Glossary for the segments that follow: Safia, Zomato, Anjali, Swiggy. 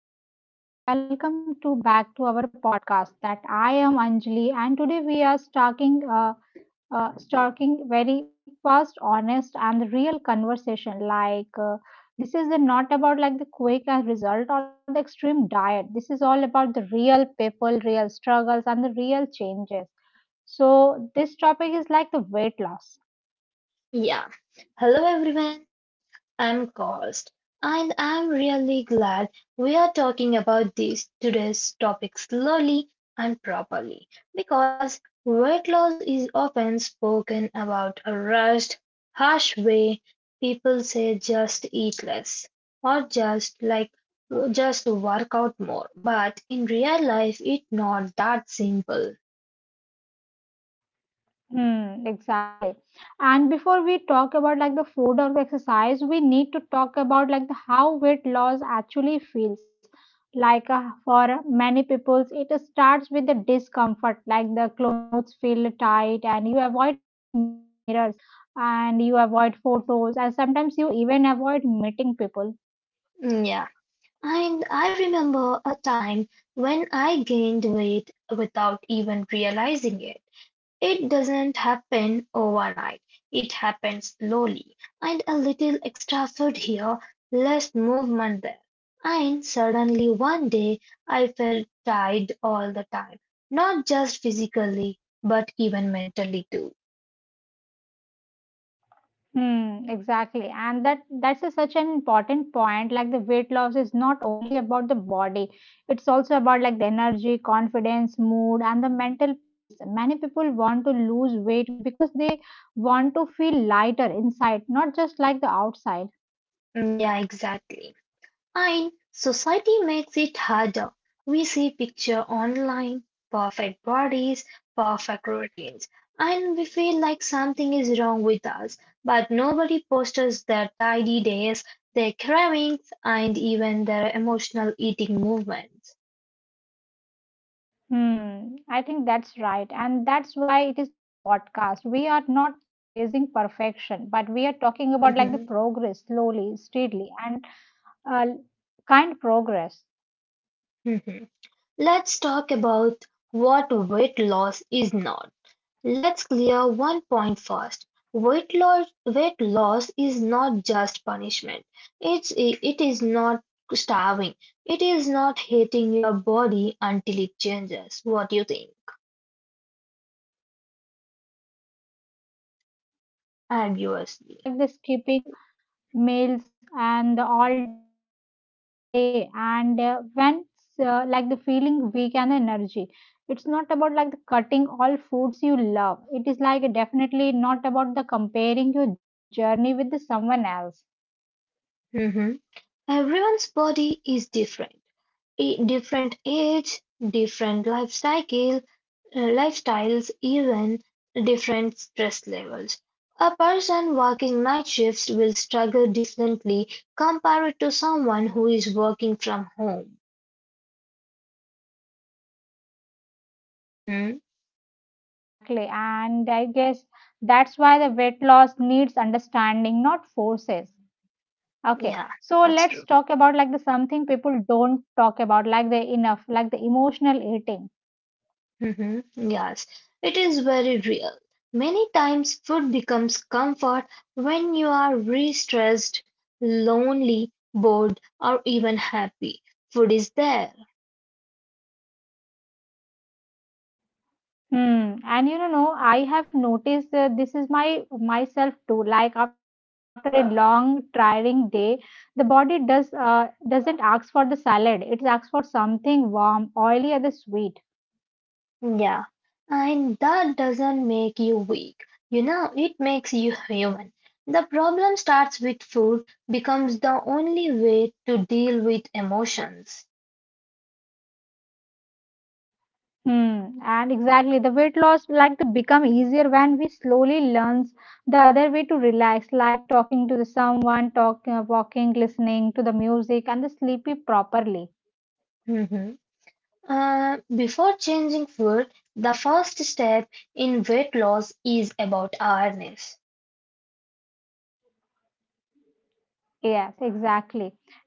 hello everyone, and welcome to back to our podcast. That I am Anjali, and today we are starting starting very fast, honest, and real conversation. This is the, not about like the quick and result or the extreme diet. This is all about the real people, real struggles, and the real changes. So, this topic is like the weight loss. Yeah. Hello everyone. I'm Kost and I'm really glad we are talking about this today's topic slowly and properly because weight loss is often spoken about a rushed, harsh way. People say just eat less or just like just work out more, but in real life it's not that simple. Hmm, exactly. And before we talk about like the food or the exercise, we need to talk about like the how weight loss actually feels. For many people, it starts with the discomfort, like the clothes feel tight and you avoid mirrors and you avoid photos and sometimes you even avoid meeting people. Yeah. And I remember a time when I gained weight without even realizing it. It doesn't happen overnight, it happens slowly, and a little extra food here, less movement there. And suddenly one day I felt tired all the time, not just physically, but even mentally too. Hmm, exactly. And that's such an important point. Like the weight loss is not only about the body, it's also about like the energy, confidence, mood, and the mental peace. Many people want to lose weight because they want to feel lighter inside, not just like the outside. Yeah, exactly. And society makes it harder. We see picture online, perfect bodies, perfect routines, and we feel like something is wrong with us. But nobody posts their tidy days, their cravings, and even their emotional eating movements. Hmm, I think that's right. And that's why it is the podcast. We are not chasing perfection, but we are talking about like the Mhm, progress slowly, steadily, and uh, kind progress. mhm. Let's talk about what weight loss is not. Let's clear one point first. Weight loss is not just punishment. It is not starving. It is not hating your body until it changes. What do you think? Hmm, absolutely right. I think Obviously. the weight loss is not about like the skipping meals and the all day and when like the feeling weak and energy. It's not about like the cutting all foods you love. It is like definitely not about the comparing your journey with the someone else. Mhm. Everyone's body is different. Different age, different life cycle, lifestyles, even different stress levels. A person working night shifts will struggle differently compared to someone who is working from home. Mm-hmm. Hmm, exactly. And I guess that's why the weight loss needs understanding, not forces. Okay, Yeah, so that's let's true. talk about like the something people don't talk about, like the enough, like the emotional eating. Mm-hmm. Yes, it is very real. Many times, food becomes comfort when you are re stressed, lonely, bored, or even happy. Food is there. Hmm. And you know, I have noticed that this is my myself too. Like after a long, tiring day, the body does doesn't ask for the salad. It asks for something warm, oily, or the sweet. Yeah, and that doesn't make you weak. You know, it makes you human. The problem starts with food becomes the only way to deal with emotions. Hmm, and exactly the weight loss like to become easier when we slowly learns the other way to relax, like talking to the someone, talk, walking, listening to the music, and the sleepy properly. Mhm. Before changing food, the first step in weight loss is about awareness. Yes, exactly.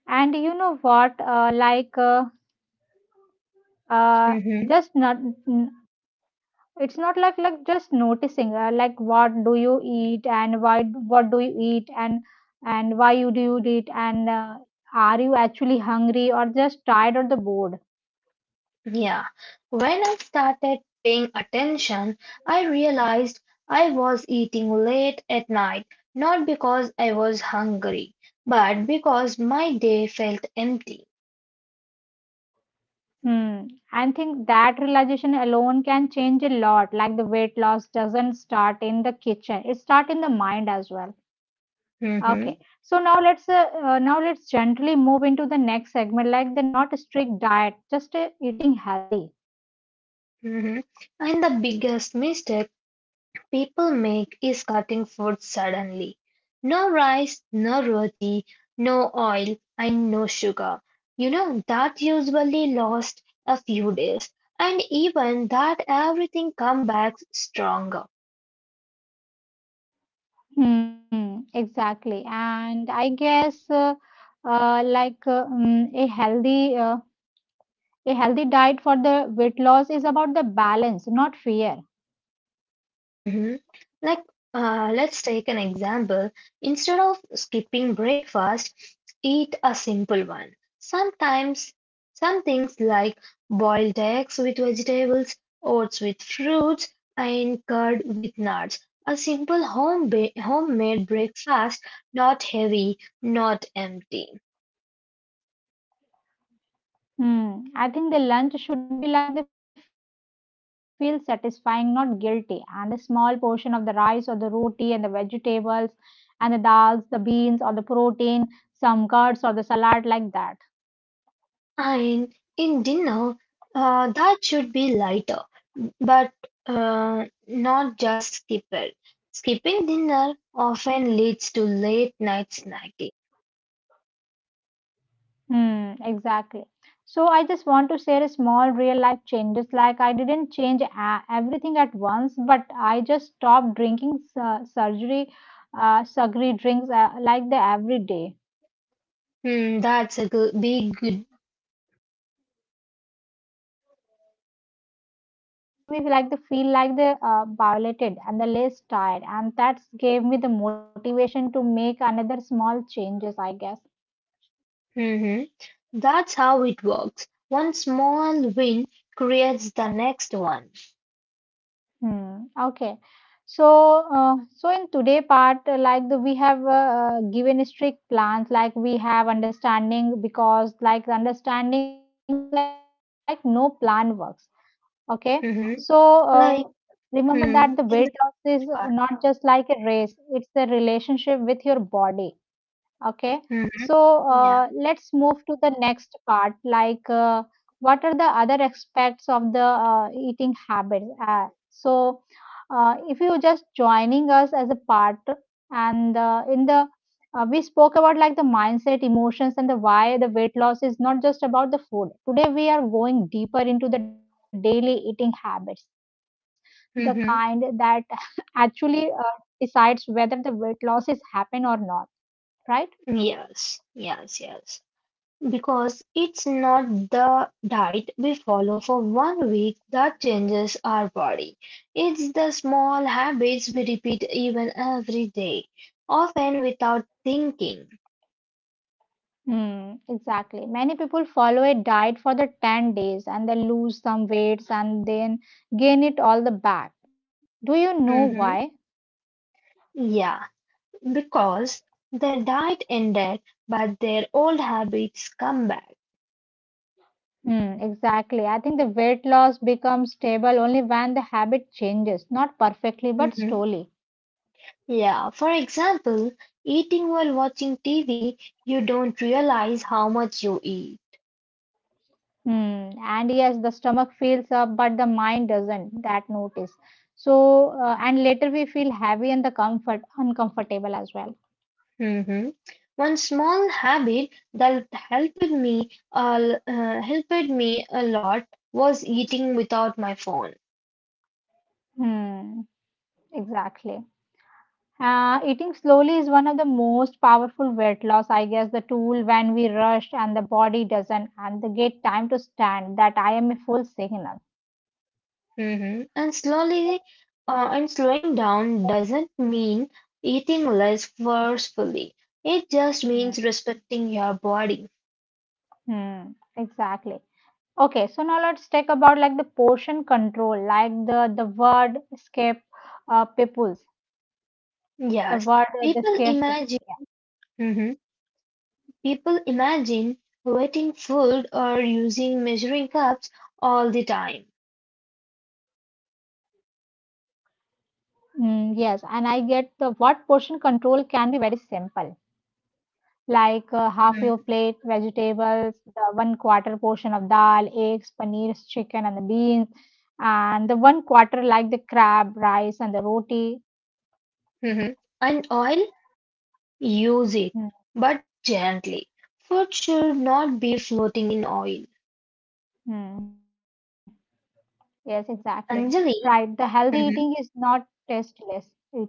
And you know what? Like uh, just not. N- It's not like just noticing. Like what do you eat and why? What do you eat and why you do you eat and are you actually hungry or just tired or the bored? Yeah, when I started paying attention, I realized I was eating late at night, not because I was hungry, but because my day felt empty. Hmm. I think that realization alone can change a lot. Like the weight loss doesn't start in the kitchen; it starts in the mind as well. Hmm. Okay. So now let's gently move into the next segment, like the not strict diet, just eating healthy. Hmm. And the biggest mistake people make is cutting food suddenly. No rice, no roti, no oil, and no sugar. You know, that usually lasts a few days, and even that everything comes back stronger. Hmm. Exactly. And I guess like mm, a healthy diet for the weight loss is about the balance, not fear. Mhm. Like, let's take an example. Instead of skipping breakfast, eat a simple one. Sometimes, some things like boiled eggs with vegetables, oats with fruits, and curd with nuts. A simple homemade breakfast, not heavy, not empty. Hmm. I think the lunch should be like they feel satisfying, not guilty. And a small portion of the rice or the roti and the vegetables and the dals, the beans or the protein, some curds or the salad like that. And in dinner, that should be lighter, but not just skipper. Skipping dinner often leads to late night snacking. Hmm. Exactly. So I just want to share a small real life changes. Like I didn't change everything at once, but I just stopped drinking sugary drinks like the every day. Hmm, that's a good, big good. Yes, and that one change made me feel like the violated and the less tired, and that gave me the motivation to make another small changes. I guess. Mhm. That's how it works. One small win creates the next one. Hmm. Okay. So, so in today part, we have given strict plans, like we have understanding because like understanding like no plan works. Okay. Mhm. So Like, uh, remember hmm, that the in the, weight loss is not just like a race; it's a relationship with your body. Okay, hmm, so yeah. Let's move to the next part. What are the other aspects of the eating habits? If you just joining us as a part, and in the we spoke about like the mindset, emotions, and the why the weight loss is not just about the food. Today we are going deeper into the daily eating habits, the kind that Hmm. actually decides whether the weight loss is happen or not, right? Yes, yes, yes. Because it's not the diet we follow for one week that changes our body. It's the small habits we repeat even every day, often without thinking. Hmm, exactly. Many people follow a diet for the 10 days and they lose some weights and then gain it all the back. Do you know why? Mhm. Yeah, because the diet ended, but their old habits come back. Hmm, exactly. I think the weight loss becomes stable only when the habit changes, not perfectly, but Mhm. slowly. Yeah, for example, eating while watching TV, you don't realize how much you eat. Hmm, and yes, the stomach fills up, but the mind doesn't. That notice. And later we feel heavy and the comfort uncomfortable as well. Mhm. One small habit that helped me a lot was eating without my phone. Hmm, exactly. Eating slowly is one of the most powerful weight loss, I guess, the tool when we rush and the body doesn't and they get time to stand that I am a full signal. Mhm. And slowing down doesn't mean eating less forcefully. It just Mm, means respecting your body. hmm. Exactly. Okay, so now let's talk about like the portion control, like the word escape peoples, Yes, the word the people scares people. imagine. Yeah. Mhm. People imagine waiting food or using measuring cups all the time. Mm, yes, and I get the what portion control can be very simple. Like half your plate Mhm. vegetables, the one quarter portion of dal, eggs, paneer, chicken, and the beans, and the one quarter like the crab, rice, and the roti. Mhm. And oil, use it, Hmm, but gently. Food should not be floating in oil. hmm. Yes, exactly. Right. The Anjali, healthy eating is not mhm, tasteless eating. Yes.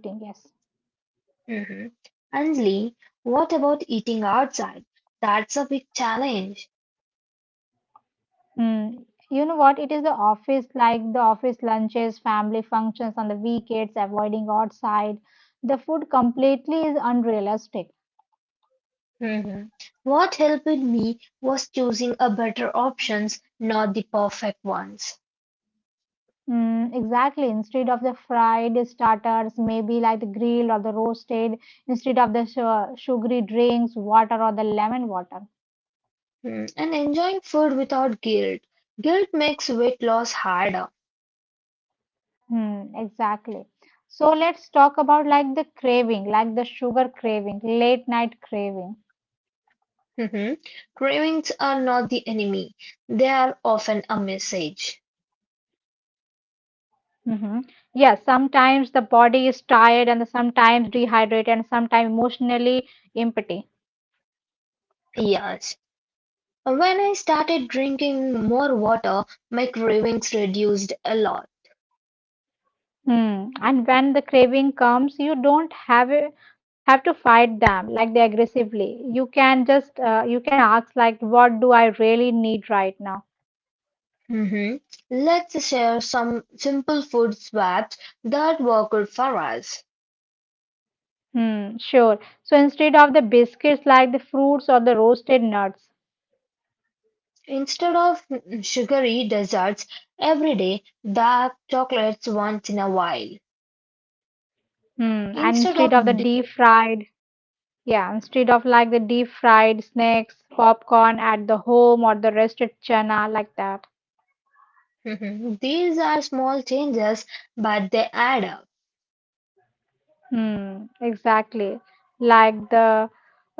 mhm. Anjali, what about eating outside? That's a big challenge. Hmm. You know what? It is the office, like the office lunches, family functions on the weekends, avoiding outside. The food completely is unrealistic. Mhm. What helped me was choosing a better options, not the perfect ones. Mm, exactly. Instead of the fried starters, maybe like the grilled or the roasted, instead of the sugary drinks, water or the lemon water. Mm, and enjoying food without guilt. Guilt makes weight loss harder. Hmm, exactly. So let's talk about like the craving, like the sugar craving, late night craving. Mhm. Cravings are not the enemy. They are often a message. Mm-hmm. Yeah, sometimes the body is tired and sometimes dehydrated and sometimes emotionally empty. Yes. When I started drinking more water, my cravings reduced a lot. Hmm. And when the craving comes, you don't have a, have to fight them like they aggressively. You can just you can ask like, what do I really need right now? Mhm. Let's share some simple food swaps that worked for us. Hmm. Sure. So instead of the biscuits, like the fruits or the roasted nuts. Instead of sugary desserts every day, dark chocolates once in a while. Hmm. And Instead instead of of the di- deep fried, yeah, instead of like the deep fried snacks, popcorn at the home or the roasted chana like that. Mhm. These are small changes, but they add up. Hmm, exactly. Like the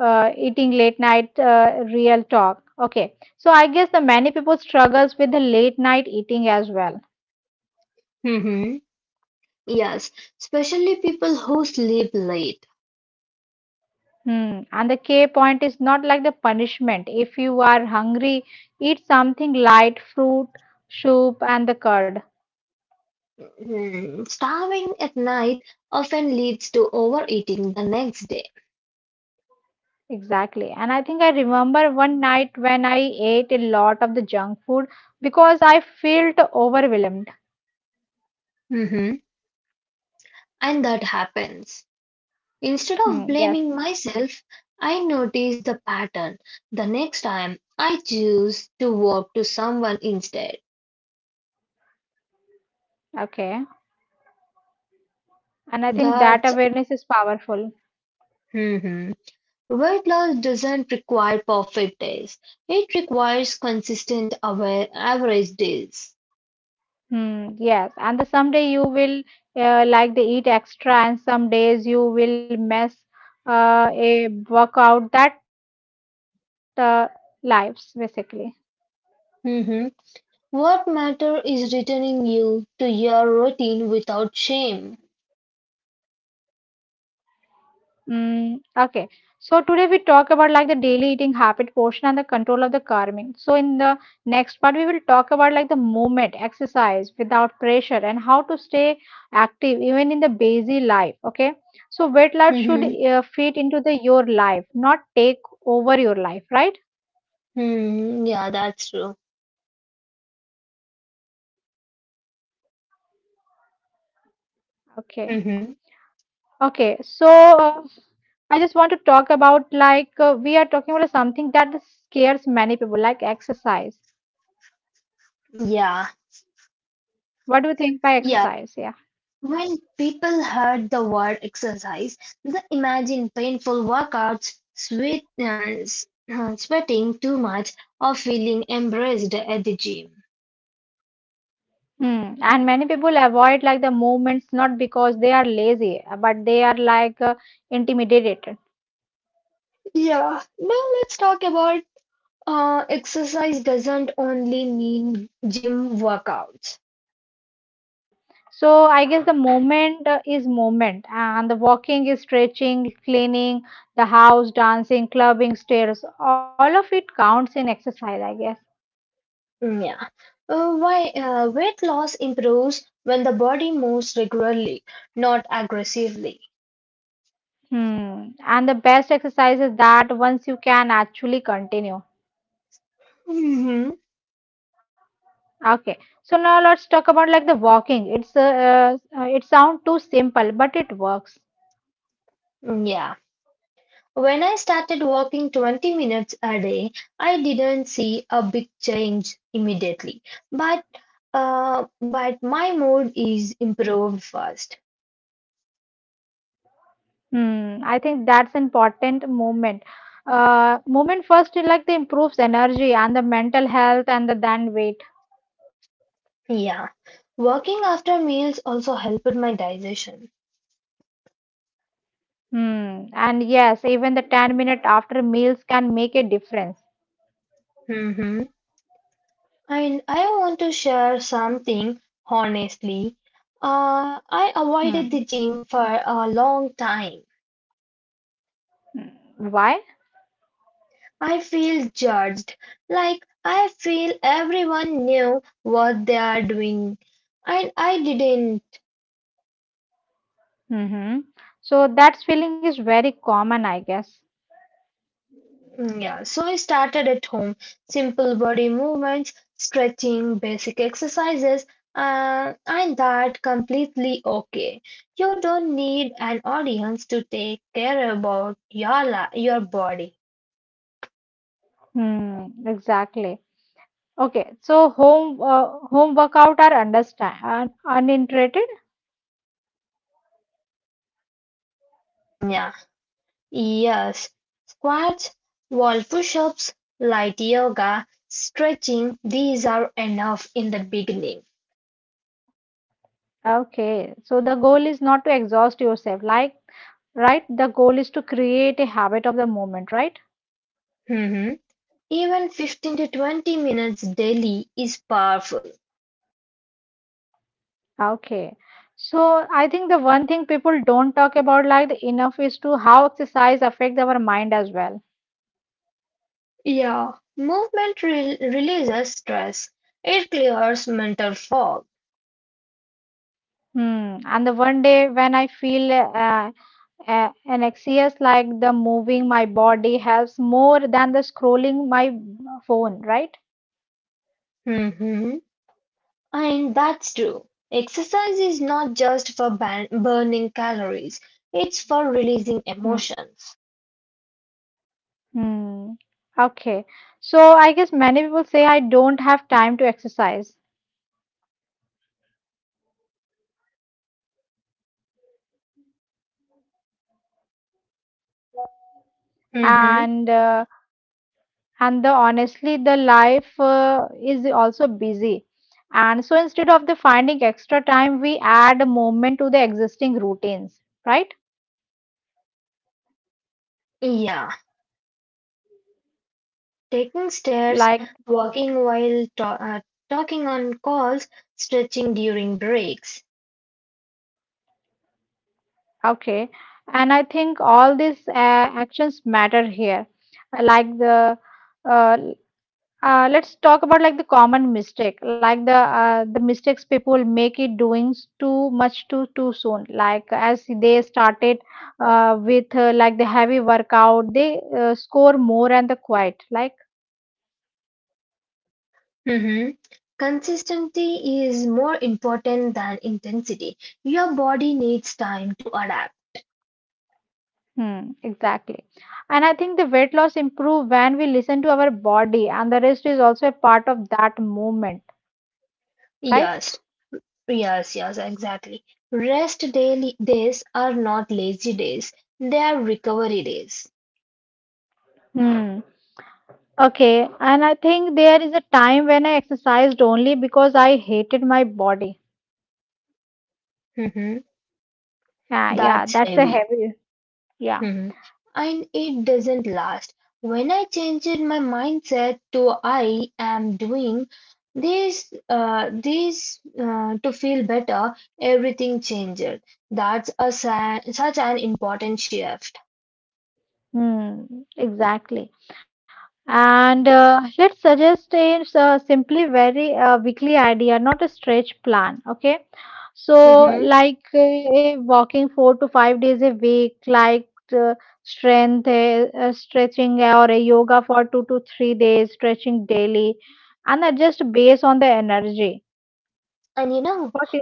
eating late night real talk. Okay. So I guess the many people struggles with the late night eating as well. Mhm. Yes, especially people who sleep late. Hmm. And the K point is not like the punishment. If you are hungry, eat something light, fruit, soup, and the curd. Hmm, starving at night often leads to overeating the next day. Exactly. And I think I remember one night when I ate a lot of the junk food because I felt overwhelmed. Mhm. And that happens. Instead of Hmm. Yes. blaming myself, I notice the pattern. The next time, I choose to walk to someone instead. Okay. And I think that That's awareness is powerful. mhm. Weight loss doesn't require perfect days. It requires consistent aware, average days. Hmm, yes, and the someday you will like they eat extra and some days you will mess a work out that lives basically. Mhm. What matter is returning you to your routine without shame. Mm, okay. So today we talk about like the daily eating habit portion and the control of the carving. So in the next part we will talk about like the movement, exercise without pressure and how to stay active even in the busy life. Okay. So weight loss should Mm-hmm. Fit into the your life, not take over your life, right? Hmm. Yeah, that's true. Okay. Okay. So Mm-hmm. I just want to talk about we are talking about something that scares many people, like exercise. Yeah. What do you think by exercise? Yeah. Yeah. When people heard the word exercise, they imagine painful workouts, sweat, sweating too much, or feeling embarrassed at the gym. Hmm. And many people avoid like the movements not because they are lazy, but they are intimidated. Yeah. Now let's talk about exercise doesn't only mean Mm-hmm. gym workouts. Okay. So I guess the movement is movement, and the walking is stretching, cleaning the house, dancing, clubbing, stairs. All of it counts in exercise, I guess. Mm, yeah. Why weight loss improves when the body moves regularly, not aggressively. Hmm. And the best exercise is that once you can actually continue. Mm-hmm. Okay, so now let's talk about like the walking. It sounds too simple, but it works. Yeah. When I started walking 20 minutes a day, I didn't see a big change immediately, but my mood is improved fast. Hmm, I think that's important movement. Movement first it like the improves energy and the mental health and the then weight. Yeah. Walking after meals also helped my digestion. Hmm, and yes, even the 10 minute after meals can make a difference. Mm-hmm. And I want to share something honestly. I Hmm. avoided the gym for a long time. Hmm, why? I feel judged, like I feel everyone knew what they are doing, and I didn't. Mm-hmm. So that feeling is very common, I guess. Mm, yeah, so I started at home, simple body movements, stretching, basic exercises, and that completely okay. You don't need an audience to take care about your your body. Hmm, exactly. Okay, so home home workout are understand un uninterrupted. Mm, yeah. Yes, squats, wall push-ups, light yoga, stretching, these are enough in the beginning. Okay, so the goal is not to exhaust yourself, like right? The goal is to create a habit of the moment, right? Mhm. Even 15 to 20 minutes daily is powerful. Okay, so I think the one thing people don't talk about like the enough is to how exercise affects our mind as well. Yeah, movement releases stress. It clears mental fog. Hmm. And the one day when I feel anxious, like the moving my body helps more than the scrolling my phone, right? Mhm. And that's true. Exercise is not just for burning calories, it's for releasing Hmm, emotions. hmm. Okay. So I guess many people say, "I don't have time to exercise," Mhm. and and the honestly the life is also busy, and so instead of the finding extra time, we add a moment to the existing routines, right? Yeah. Taking stairs, Like walking while talking on calls, stretching during breaks. okay, and I think all these actions matter here, like the. Uh, let's talk about like the common mistake, like the mistakes people make it doing too much too soon. Like as they started with like the heavy workout, they score more and the quiet. Like Mhm. Consistency is more important than intensity. Your body needs time to adapt. hmm, exactly. And I think the weight loss improve when we listen to our body, and the rest is also a part of that movement, right? Yes, yes, yes, exactly. Rest daily days are not lazy days, they are recovery days. Hmm. Okay, and I think there is a time when I exercised only because I hated my body. Mhm. Yeah, yeah, That's that's a heavy. heavy. Yeah, Mhm. And it doesn't last. When I changed my mindset to I am doing this to feel better, everything changed. That's a such an important shift. hmm, exactly. And let's suggest a simply very weekly idea, not a stretch plan. Okay, so Hmm. like walking 4 to 5 days a week, like uh, strength, stretching or a yoga for 2 to 3 days, stretching daily, and adjust based on the energy. And you know, What is?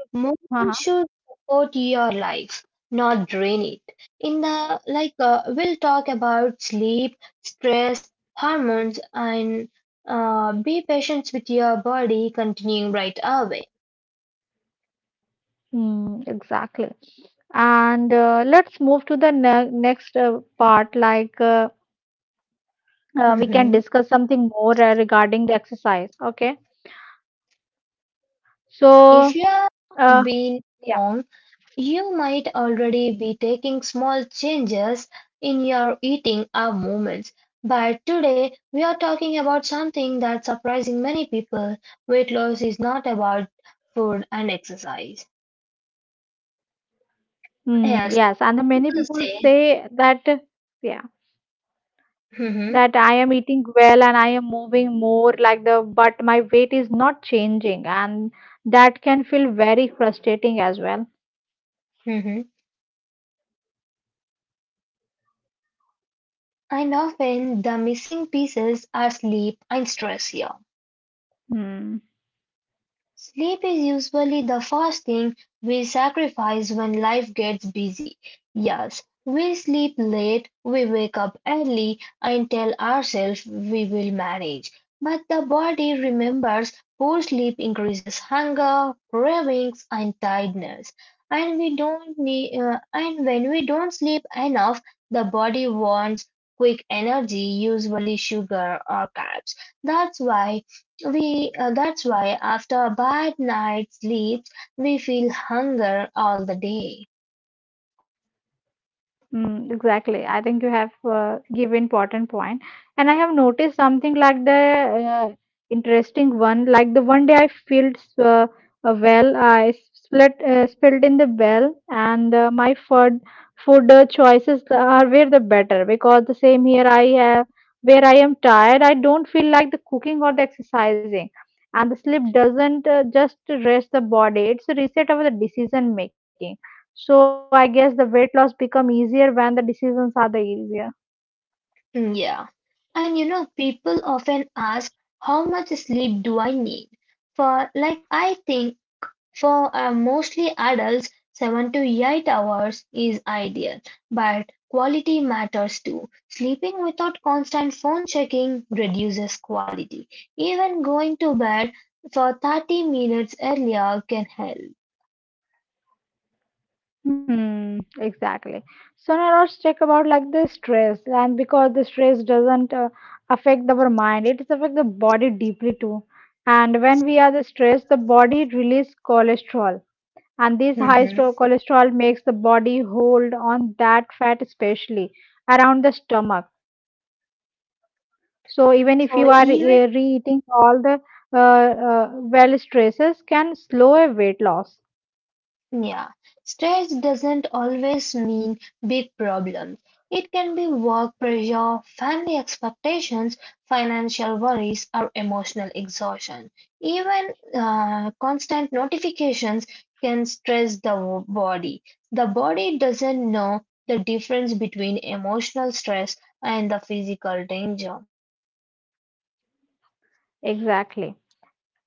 Uh-huh. movement should support your life, not drain it. In the like, we'll talk about sleep, stress, hormones, and be patient with your body. Continuing right away. Hmm, exactly. And let's move to the ne next part, like. We can Mhm. discuss something more regarding the exercise. Okay. If So, you have uh, been yeah. long, you might already be taking small changes in your eating or movements. But today, we are talking about something that's surprising many people. Weight loss is not about food and exercise. Mm, Yes, yes. And the many people people say, say that, yeah, hmm. that I am eating well and I am moving more like the, but my weight is not changing. And that can feel very frustrating as well. Hmm. And often the missing pieces are sleep and stress here. Hmm. Sleep is usually the first thing we sacrifice when life gets busy. Yes, we sleep late, we wake up early, and tell ourselves we will manage. But the body remembers poor sleep increases hunger, cravings, and tiredness. And when we don't sleep enough, the body wants quick energy, usually sugar or carbs. That's why that's why after a bad night's sleep we feel hunger all the day. Mm, exactly. I think you have give important point, and I have noticed something like the uh, interesting one. Like the one day I filled a well, I split spilled in the well, and my food choices are were the better because the same here I where I am tired, I don't feel like the cooking or the exercising. And the sleep doesn't just rest the body; it's a reset of the decision making. So I guess the weight loss become easier when the decisions are the easier. Mm, yeah. And you know, people often ask how much sleep do I need? For like I think for mostly adults, 7 to 8 hours is ideal, but quality matters too. Sleeping without constant phone checking reduces quality. Even going to bed for 30 minutes earlier can help. Hmm, exactly. So now let's talk about like the stress, and because the stress doesn't affect our mind, it affects the body deeply too. And when we are the stress, the body release cholesterol, and this Mhm. Cholesterol makes the body hold on that fat especially around the stomach, so even if you are So even re-eating all the uh, uh, well, stresses can slow a weight loss. yeah, stress doesn't always mean big problems. It can be work pressure, family expectations, financial worries, or emotional exhaustion. Even constant notifications can stress the body. The body doesn't know the difference between emotional stress and the physical danger. Exactly.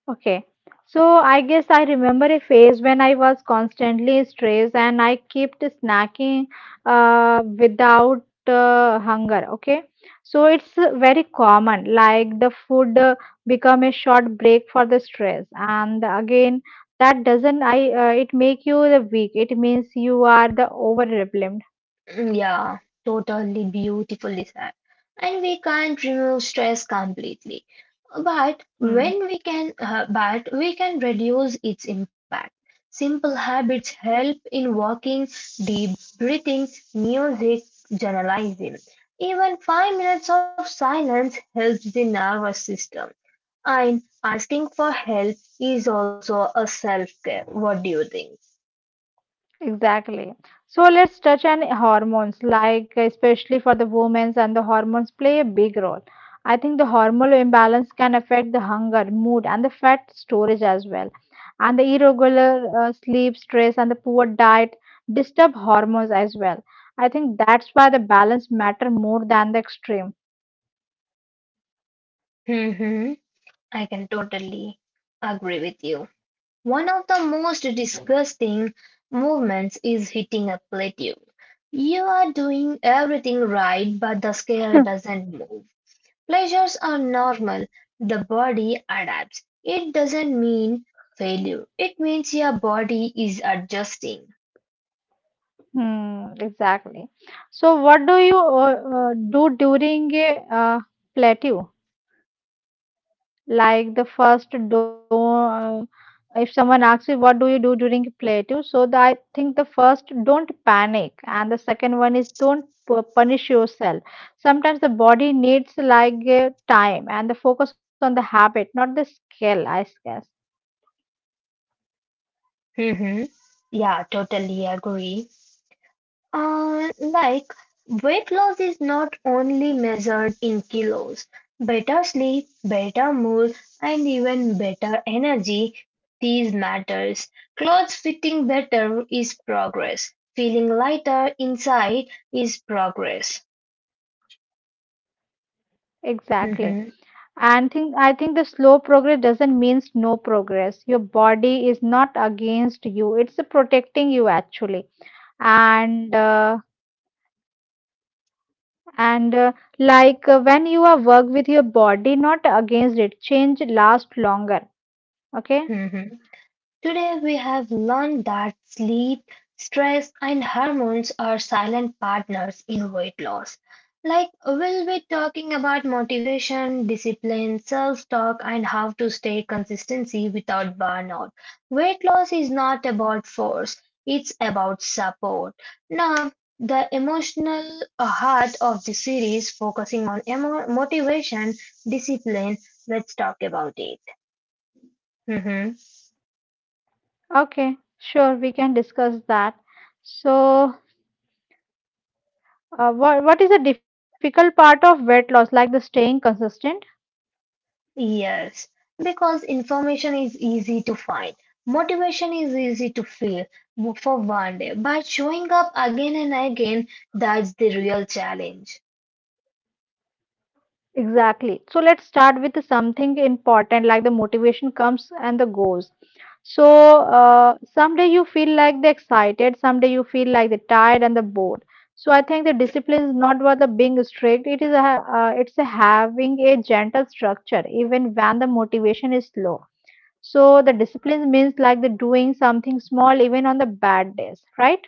Okay. So I guess I remember a phase when I was constantly stressed and I kept snacking without hunger. Okay. So it's very common, like the food become a short break for the stress. And again, that doesn't I it make you the weak. It means you are the over-replemed. Mm, yeah, totally beautifully said. And we can't remove stress completely, but when we can, but we can reduce its impact. Simple habits help in walking, deep breathing, music, journalizing. Even 5 minutes of silence helps the nervous system. And asking for help is also a self care. What do you think? Exactly. So let's touch on hormones, like especially for the women's, and the hormones play a big role. I think the hormonal imbalance can affect the hunger, mood, and the fat storage as well. And the irregular sleep, stress, and the poor diet disturb hormones as well. I think that's why the balance matter more than the extreme. Hmm. I can totally agree with you. One of the most disgusting movements is hitting a plateau. You are doing everything right, but the scale doesn't move. Pleasures are normal. The body adapts. It doesn't mean failure. It means your body is adjusting. Hmm, exactly. So what do you do during a plateau? Like the first, don't if someone asks you what do you do during plateau, so the, I think the first, don't panic, and the second one is don't punish yourself. Sometimes the body needs like time, and the focus on the habit, not the skill, I guess. Hmm. Yeah, totally agree. Like weight loss is not only measured in kilos. Better sleep, better mood, and even better energy, these matters. Clothes fitting better is progress. Feeling lighter inside is progress. Exactly. And think I think the slow progress doesn't means no progress. Your body is not against you, it's protecting you actually. And uh, and Like when you are work with your body, not against it, change last longer. Okay. Today we have learned that sleep, stress, and hormones are silent partners in weight loss. Like we'll be talking about motivation, discipline, self-talk, and how to stay consistency without burnout. Weight loss is not about force; it's about support. Now, the emotional heart of the series, focusing on motivation, discipline. Let's talk about it. Mhm. Okay, sure, we can discuss that. So what is the difficult part of weight loss, like the staying consistent? Yes, because information is easy to find. Motivation is easy to feel for one day, but showing up again and again, that's the real challenge. Exactly. So let's start with something important, like the motivation comes and the goes. So someday you feel like the excited, someday you feel like the tired and the bored. So I think the discipline is not about the being strict. It is it's a having a gentle structure even when the motivation is low. So the discipline means like the doing something small even on the bad days, right?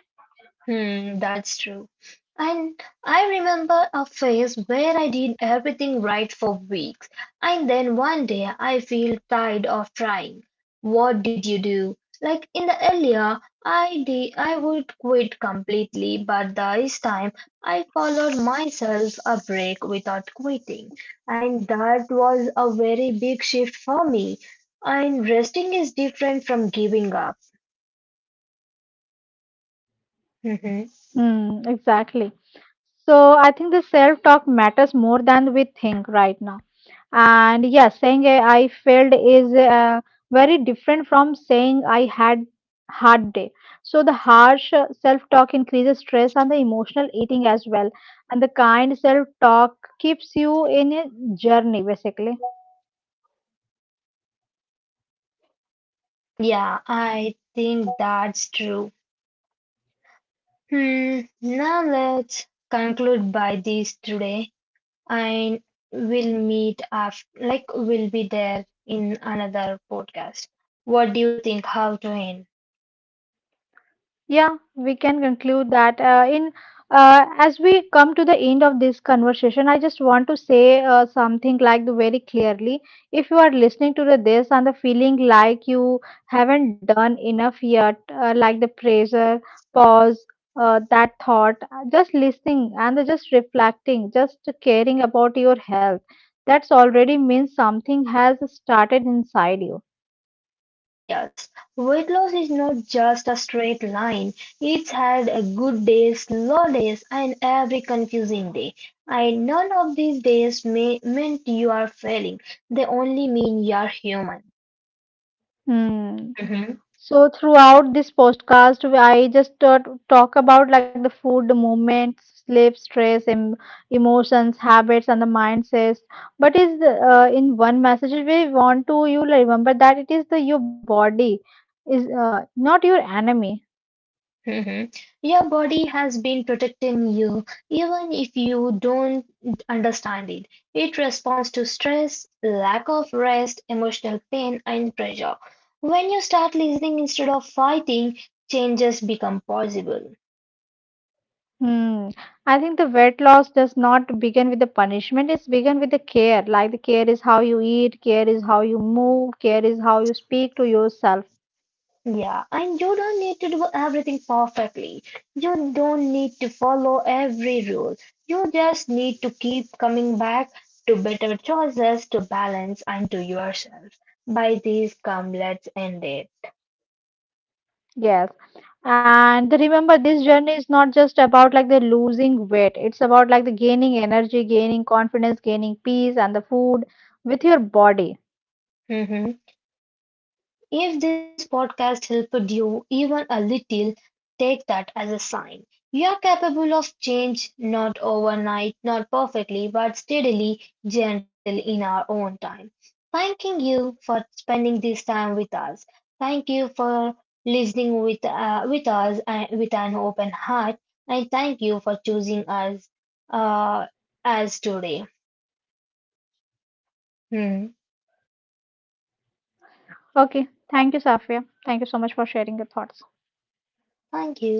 Hmm, that's true. And I remember a phase where I did everything right for weeks, and then one day I feel tired of trying. What did you do? Like in the earlier, I would quit completely, but this time I followed myself a break without quitting, and that was a very big shift for me. And resting is different from giving up. Mm, exactly. So I think the self talk matters more than we think right now. And yeah, saying I failed is very different from saying I had hard day. So the harsh self talk increases stress and the emotional eating as well, and the kind self talk keeps you in a journey basically. Yeah, I think that's true. Hmm, now let's conclude by this today and we'll meet after, like we'll be there in another podcast. What do you think how to end? Yeah, we can conclude that. In As we come to the end of this conversation, I just want to say something like the very clearly. If you are listening to the this and the feeling like you haven't done enough yet, like the pressure, pause, that thought, just listening and the just reflecting, just caring about your health, that's already means something has started inside you. Yes, weight loss is not just a straight line. It's had a good days, slow days, and every confusing day. And none of these days may meant you are failing. They only mean you are human. Hmm. Mhm. So throughout this podcast, I just talk about like the food, the movement, sleep, stress, emotions, habits, and the mindsets. But is the, in one message we want to you like, remember that it is the your body is not your enemy. Mhm. Your body has been protecting you, even if you don't understand it. It responds to stress, lack of rest, emotional pain, and pressure. When you start listening instead of fighting, changes become possible. Hmm. I think the weight loss does not begin with the punishment. It's begin with the care. Like the care is how you eat, care is how you move, care is how you speak to yourself. Yeah, and you don't need to do everything perfectly. You don't need to follow every rule. You just need to keep coming back to better choices, to balance, and to yourself. By these come, let's end it. Yes. And remember, this journey is not just about like the losing weight. It's about like the gaining energy, gaining confidence, gaining peace, and the food with your body. If this podcast helped you even a little, take that as a sign. You are capable of change, not overnight, not perfectly, but steadily, gentle in our own time. Thanking you for spending this time with us. Thank you for listening with us and with an open heart. And thank you for choosing us uh, as today. Hmm. Okay. Thank you, Safia. Thank you so much for sharing your thoughts. Thank you.